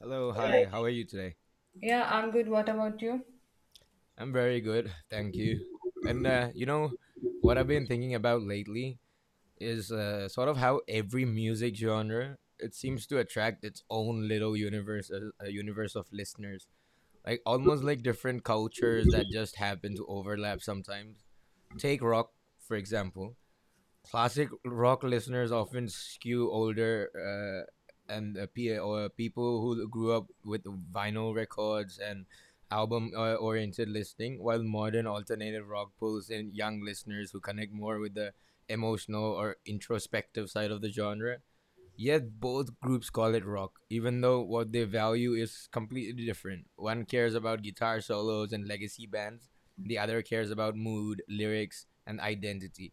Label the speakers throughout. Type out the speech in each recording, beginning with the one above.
Speaker 1: Hello, hi, how are you today?
Speaker 2: Yeah, I'm good. What about you?
Speaker 1: I'm very good, thank you. And uh, you know, what I've been thinking about lately is sort of how every music genre it seems to attract its own little universe, a universe of listeners. Like almost like different cultures that just happen to overlap sometimes. Take rock, for example. Classic rock listeners often skew older, and P- or people who grew up with vinyl records and album oriented listening, while modern alternative rock pulls in young listeners who connect more with the emotional or introspective side of the genre. Yet both groups call it rock, even though what they value is completely different. One cares about guitar solos and legacy bands, the other cares about mood, lyrics and identity.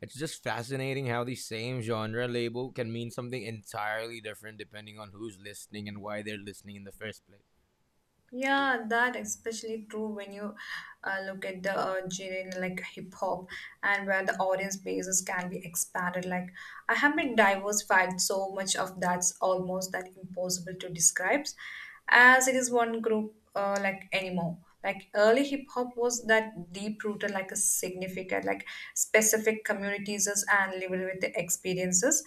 Speaker 1: It's just fascinating how the same genre label can mean something entirely different depending on who's listening and why they're listening in the first place.
Speaker 2: Yeah, that especially true when you look at the genre like hip hop and where the audience bases can be expanded. Like I have been diversified so much of that's almost that impossible to describe as it is one group like anymore. Like early hip hop was that deep rooted like a significant like specific communities and lived with the experiences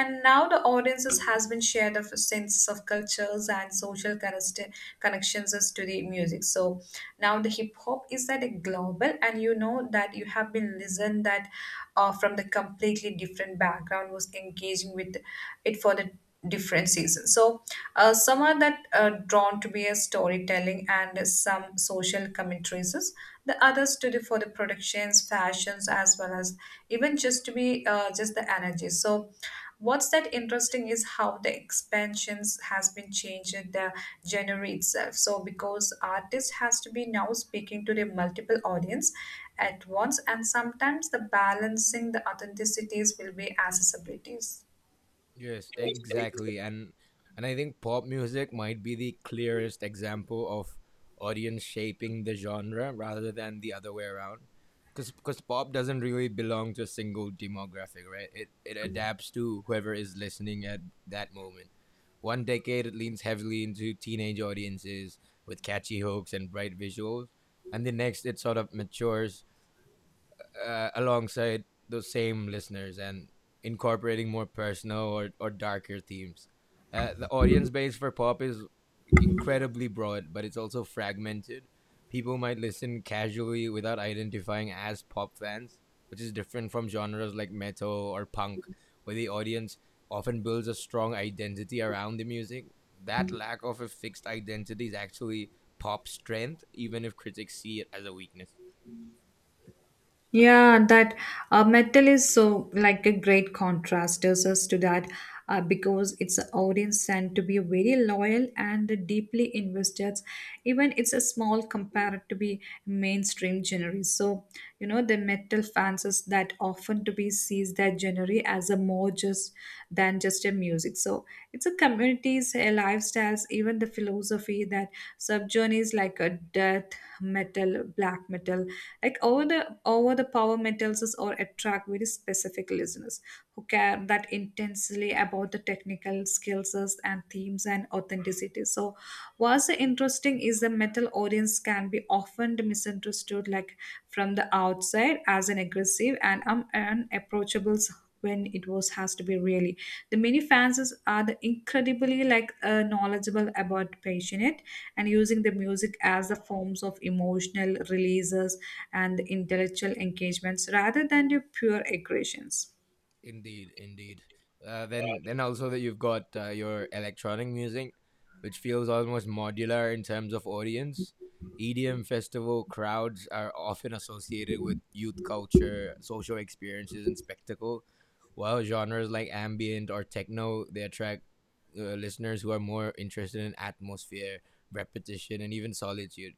Speaker 2: and now the audiences has been shared of a sense of cultures and social connections is to the music so now the hip hop is that a global and you know that you have been listened that from the completely different background was engaging with it for the different seasons. So some are that drawn to be a storytelling and some social commentaries. The others to the for the productions, fashions, as well as even just to be just the energy. So what's that interesting is how the expansions has been changed in the genre itself. So because artist has to be now speaking to the multiple audience at once, and sometimes the balancing the authenticities will be accessibilities.
Speaker 1: Yes, exactly. And I think pop music might be the clearest example of audience shaping the genre rather than the other way around. Cuz pop doesn't really belong to a single demographic, right? It adapts to whoever is listening at that moment. One decade it leans heavily into teenage audiences with catchy hooks and bright visuals, and the next it sort of matures alongside those same listeners and incorporating more personal or darker themes. The audience base for pop is incredibly broad, but it's also fragmented. People might listen casually without identifying as pop fans, which is different from genres like metal or punk, where the audience often builds a strong identity around the music. That lack of a fixed identity is actually pop's strength, even if critics see it as a weakness.
Speaker 2: Yeah, that metal is so like a great contrast to us to that because its audience tend to be very loyal and deeply invested. Even it's a small compared to be mainstream genre. So you know the metal fans is that often to be sees that genre as a more just than just a music. So it's a communities, a lifestyles, even the philosophy that subgenres like a death metal, black metal, like over the power metals is or attract very specific listeners who care that intensely about the technical skills and themes and authenticity. So what's interesting is the metal audience can be often misunderstood like from the outside as an aggressive and unapproachable when it was has to be really the are the incredibly like knowledgeable about passionate and using the music as the forms of emotional releases and intellectual engagements rather than the pure aggressions.
Speaker 1: Indeed, indeed. Then also that you've got your electronic music, which feels almost modular in terms of audience. EDM festival crowds are often associated with youth culture, social experiences, and spectacle, while genres like ambient or techno they attract listeners who are more interested in atmosphere, repetition, and even solitude.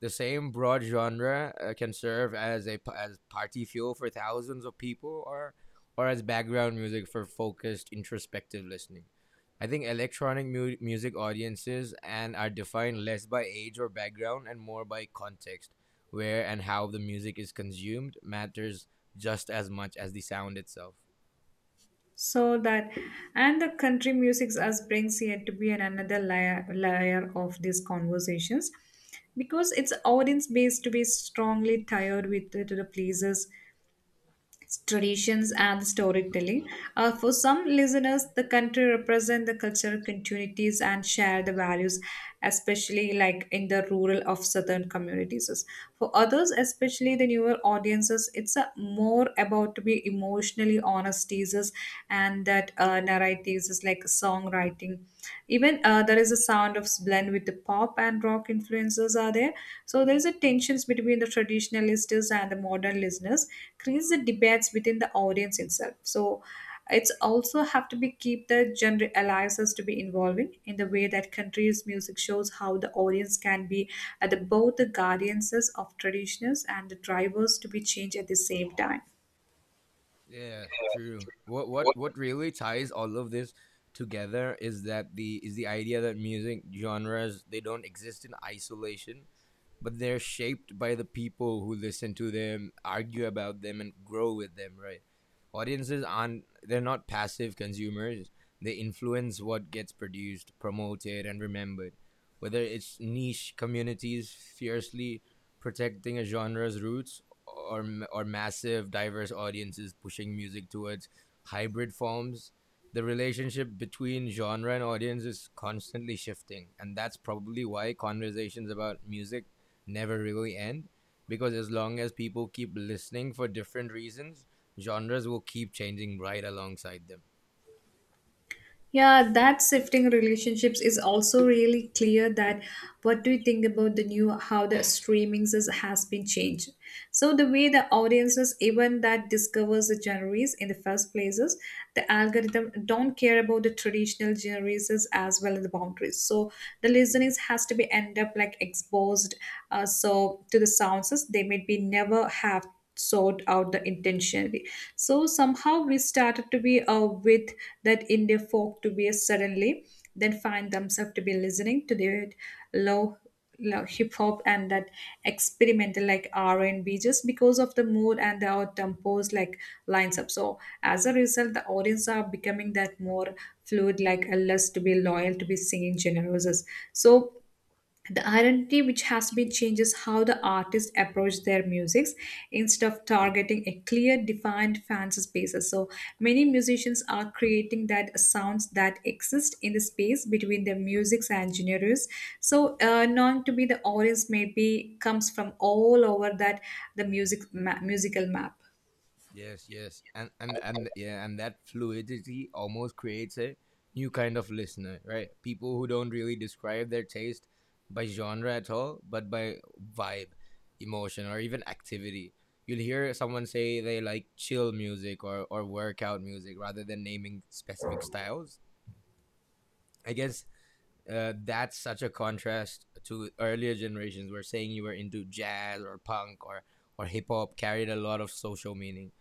Speaker 1: The same broad genre can serve as a as party fuel for thousands of people, or as background music for focused introspective listening. I think music audiences and are defined less by age or background and more by context. Where and how the music is consumed matters just as much as the sound itself.
Speaker 2: So that and the country music as brings yet to be an another layer of these conversations because its audience base to be strongly tied with to the places, traditions and storytelling. For some listeners, the country represent the cultural continuities and share the values, especially like in the rural of southern communities. For others, especially the newer audiences, it's a more about to be emotionally honest teasers and that narratives is like songwriting, even there is a sound of blend with the pop and rock influences are there, so there is a tensions between the traditional listeners and the modern listeners creates the debates within the audience itself, so it's also have to be keep the genre alliances to be involving in the way that country's music shows how the audience can be at both the guardians of traditionals and the drivers to be changed at the same time.
Speaker 1: Yeah, true. What really ties all of this together is that the is the idea that music genres they don't exist in isolation, but they're shaped by the people who listen to them, argue about them and grow with them, right? Audiences aren't they're not passive consumers. They influence what gets produced, promoted and remembered. Whether it's niche communities fiercely protecting a genre's roots or or massive diverse audiences pushing music towards hybrid forms, the relationship between genre and audience is constantly shifting, and that's probably why conversations about music never really end, because as long as people keep listening for different reasons, genres will keep changing right alongside them.
Speaker 2: Yeah, that shifting relationships is also really clear that what do you think about the new how the has been changed. So the way the audiences even that discovers the genres in the first places, the algorithm don't care about the traditional genres as well as the boundaries. So the listeners has to be end up like exposed so to the sounds as they may be never have sought out the intentionally, so somehow we started to be with that india folk to be suddenly then find themselves to be listening to the low like hip hop and that experimental like R&B just because of the mood and the out tempos like lines up. So as a result, the audience are becoming that more fluid, like a less to be loyal to be singing genres. So the identity which has been changed is how the artists approach their musics instead of targeting a clear defined fancy spaces, so many musicians are creating that sounds that exist in the space between their musics and genres, so known to be the audience maybe comes from all over that the musical map.
Speaker 1: Yes, yes, and that fluidity almost creates a new kind of listener, right? People who don't really describe their taste by genre at all, but by vibe, emotion, or even activity. You'll hear someone say they like chill music or workout music rather than naming specific styles. I guess that's such a contrast to earlier generations, where saying you were into jazz or punk or hip hop carried a lot of social meaning.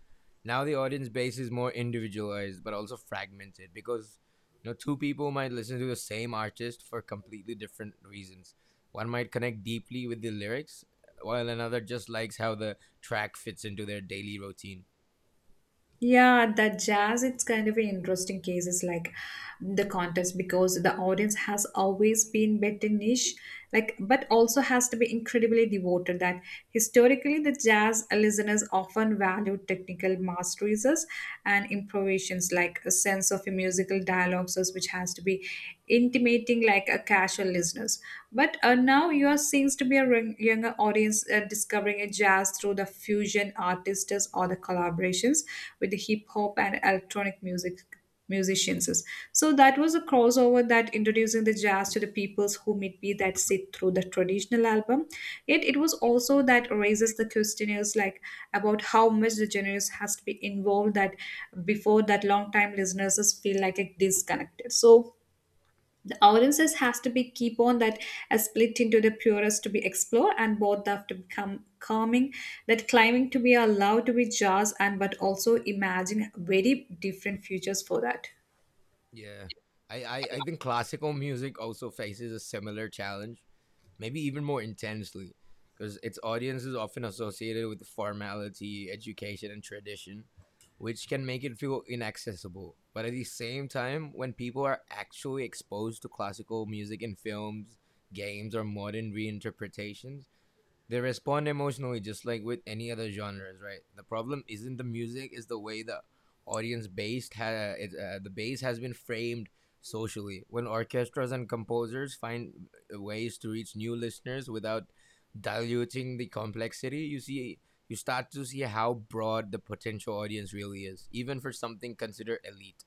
Speaker 1: Now the audience base is more individualized but also fragmented, because you know, two people might listen to the same artist for completely different reasons. One might connect deeply with the lyrics, while another just likes how the track fits into their daily routine.
Speaker 2: Yeah, the jazz, it's kind of an interesting case. It's like the contest because the audience has always been better niche, like, but also has to be incredibly devoted. That historically, the jazz listeners often value technical masteries and improvisations, like a sense of a musical dialogue, so which has to be intimating, like a casual listeners. But now you are seems to be a younger audience discovering a jazz through the fusion artists or the collaborations with the hip hop and electronic music musicians. So that was a crossover that introducing the jazz to the peoples who may be that sit through the traditional album. Yet it was also that raises the questionnaires like about how much the genres has to be involved that before that long time listeners just feel like a disconnected. So the our emphasis has to be keep on that as split into the purest to be explored and both have to become calming that climbing to be allowed to be jazz and but also imagine very different futures for that.
Speaker 1: Yeah. I think classical music also faces a similar challenge, maybe even more intensely, because its audience is often associated with formality, education, and tradition, which can make it feel inaccessible. But at the same time, when people are actually exposed to classical music in films, games, or modern reinterpretations, they respond emotionally just like with any other genres, right? The problem isn't the music, is the way the audience based ha- it, the bass has been framed socially. When orchestras and composers find ways to reach new listeners without diluting the complexity, you start to see how broad the potential audience really is, even for something considered elite.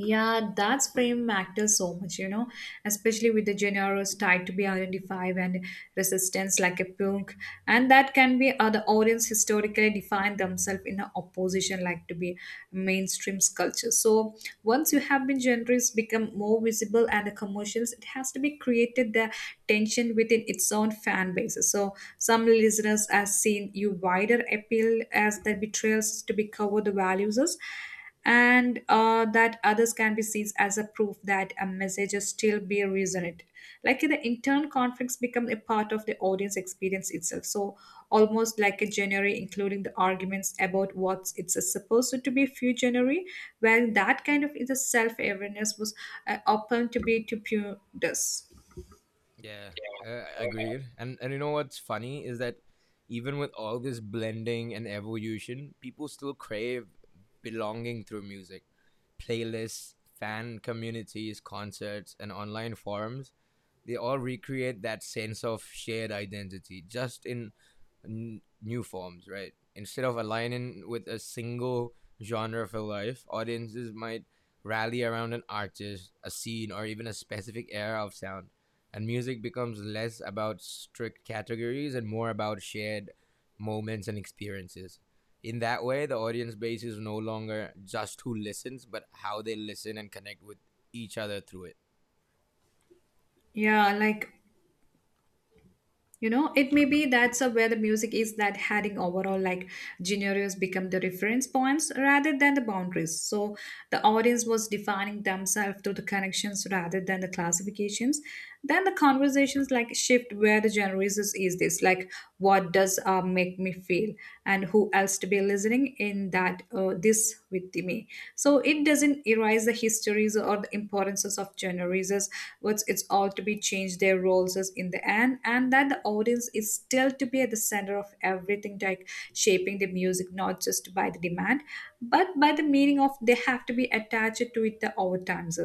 Speaker 2: Yeah, that's frame actors so much, you know, especially with the genres tied to be identified and resistance like a punk. And that can be the audience historically define themselves in a opposition like to be mainstream culture. So once you have been genres become more visible and the commercials, it has to be created the tension within its own fan bases. So some listeners have seen you wider appeal as the betrayals to be cover the values and that others can be seen as a proof that a message is still be resonant. Like the internal conflicts become a part of the audience experience itself. So almost like a genre, including the arguments about what it's supposed to be few genre, well, that kind of is a self-awareness was open to be to pure this.
Speaker 1: Yeah, agreed. And you know what's funny is that even with all this blending and evolution, people still crave belonging through music. Playlists, fan communities, concerts, and online forums, they all recreate that sense of shared identity just in new forms, right? Instead of aligning with a single genre for life, audiences might rally around an artist, a scene, or even a specific era of sound. And music becomes less about strict categories and more about shared moments and experiences. In that way, the audience base is no longer just who listens, but how they listen and connect with each other through it.
Speaker 2: Yeah, like you know it may be that's where the music is that having overall like genres become the reference points rather than the boundaries, so the audience was defining themselves through the connections rather than the classifications, then the conversations like shift where the is this like what does make me feel and who else to be listening in that this vitime, so it doesn't erase the histories or the importances of genres as what's it's all to be changed their roles as in the end and that the audience is still to be at the center of everything like shaping the music not just by the demand but by the meaning of they have to be attached to it the overtimes.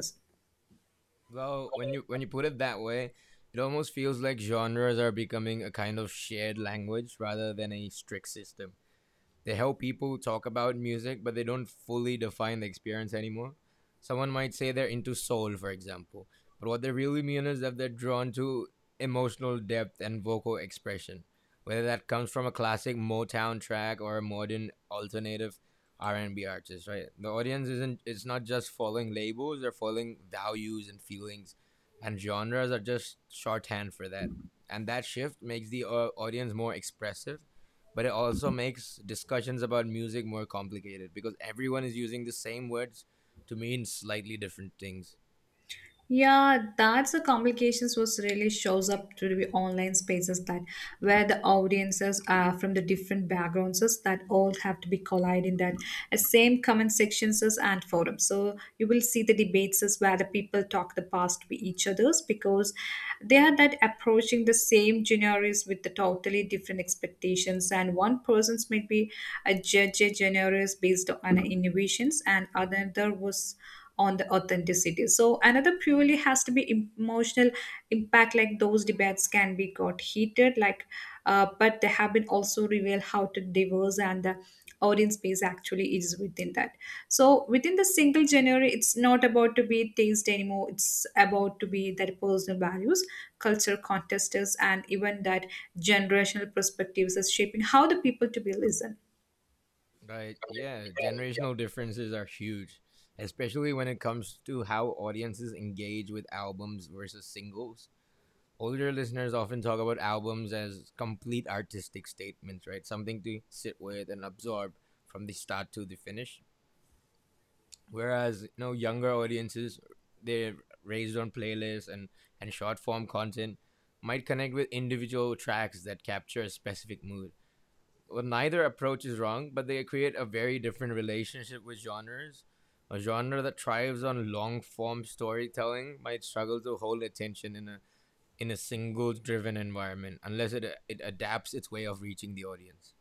Speaker 1: Well, when you put it that way, it almost feels like genres are becoming a kind of shared language rather than a strict system. They help people talk about music, but they don't fully define the experience anymore. Someone might say they're into soul, for example, but what they really mean is that they're drawn to emotional depth and vocal expression, whether that comes from a classic Motown track or a modern alternative R&B artist, right? The audience isn't it's not just following labels, they're following values and feelings, and genres are just shorthand for that. And that shift makes the audience more expressive, but it also makes discussions about music more complicated, because everyone is using the same words to mean slightly different things.
Speaker 2: Yeah, that's the complications was really shows up to the online spaces that where the audiences are from the different backgrounds is that all have to be collided in that same comment sections is and forums. So you will see the debates is where the people talk the past with each others because they are that approaching the same genres with the totally different expectations and one person's might be a judge a genres based on innovations and another was on the authenticity, so another purely has to be emotional impact like those debates can be got heated like but they have been also revealed how to diverse and the audience base actually is within that, so within the single genre it's not about to be taste anymore, it's about to be that personal values, culture contesters and even that generational perspectives is shaping how the people to be listened.
Speaker 1: Right. Yeah. Generational differences are huge, especially when it comes to how audiences engage with albums versus singles. Older listeners often talk about albums as complete artistic statements, right? Something to sit with and absorb from the start to the finish, whereas you know, younger audiences, they're raised on playlists and short form content, might connect with individual tracks that capture a specific mood. Well, neither approach is wrong, but they create a very different relationship with genres. A genre that thrives on long form storytelling might struggle to hold attention in a single driven environment unless it adapts its way of reaching the audience.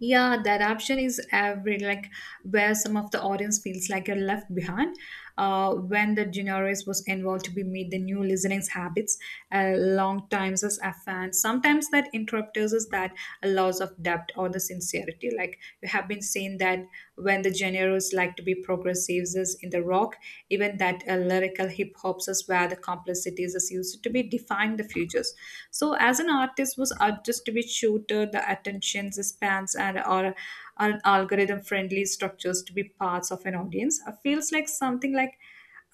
Speaker 2: Yeah, that option is every like where some of the audience feels like you're left behind. When the generous was involved to be meet the new listening's habits, long times as a fan. Sometimes that interrupters is that a loss of depth or the sincerity. Like you have been saying that when the generous like to be progressives is in the rock, even that lyrical hip hops is where the complexities is used to be define the futures. So as an artist which shoot the attention spans and or an algorithm friendly structures to be parts of an audience. It feels like something like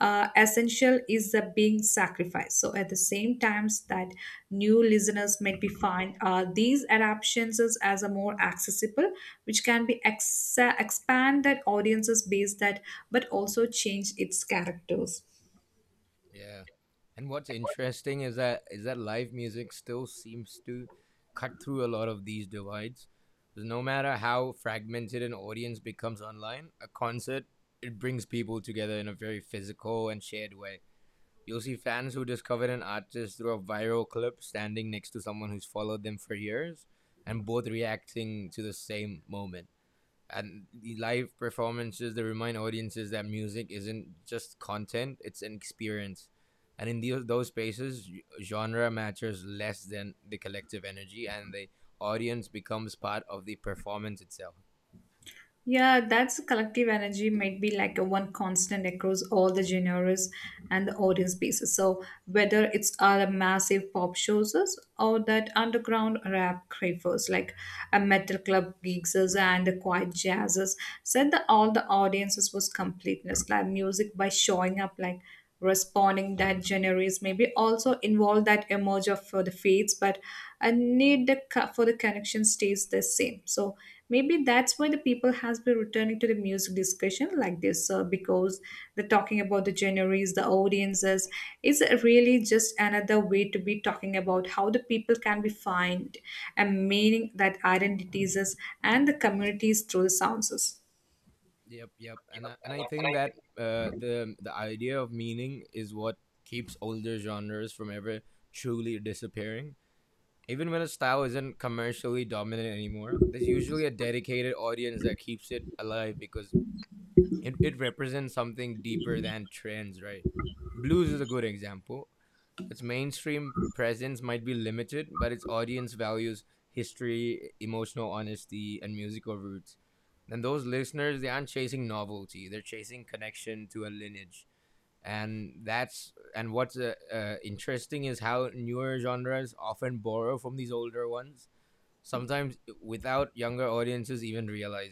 Speaker 2: essential is the being sacrificed. So at the same times that new listeners might be find these adaptations as a more accessible, which can be expand that audiences base that, but also change its characters.
Speaker 1: Yeah. And what's interesting is that live music still seems to cut through a lot of these divides. 'Cause no matter how fragmented an audience becomes online, a concert, it brings people together in a very physical and shared way. You'll see fans who discovered an artist through a viral clip standing next to someone who's followed them for years, and both reacting to the same moment. And the live performances, they remind audiences that music isn't just content, it's an experience. And in those spaces, genre matters less than the collective energy, and the audience becomes part of the performance itself.
Speaker 2: Yeah, that's collective energy might be like a one constant across all the genres and the audience pieces. So whether it's a massive pop shows or that underground rap cravers like a metal club geeks and the quiet jazzes said that all the audiences was completeness like music by showing up like responding that genres maybe also involve that emerge of for the fates but a need the for the connection stays the same, so maybe that's why the people has been returning to the music discussion like this because the talking about the genres the audiences is really just another way to be talking about how the people can be find a meaning that identities is and the communities through the sounds
Speaker 1: Yep, yep. And I think that the idea of meaning is what keeps older genres from ever truly disappearing. Even when a style isn't commercially dominant anymore, there's usually a dedicated audience that keeps it alive, because it represents something deeper than trends, right? Blues is a good example. Its mainstream presence might be limited, but its audience values history, emotional honesty, and musical roots. And those listeners, they aren't chasing novelty; they're chasing connection to a lineage. And what's interesting is how newer genres often borrow from these older ones, sometimes without younger audiences even realizing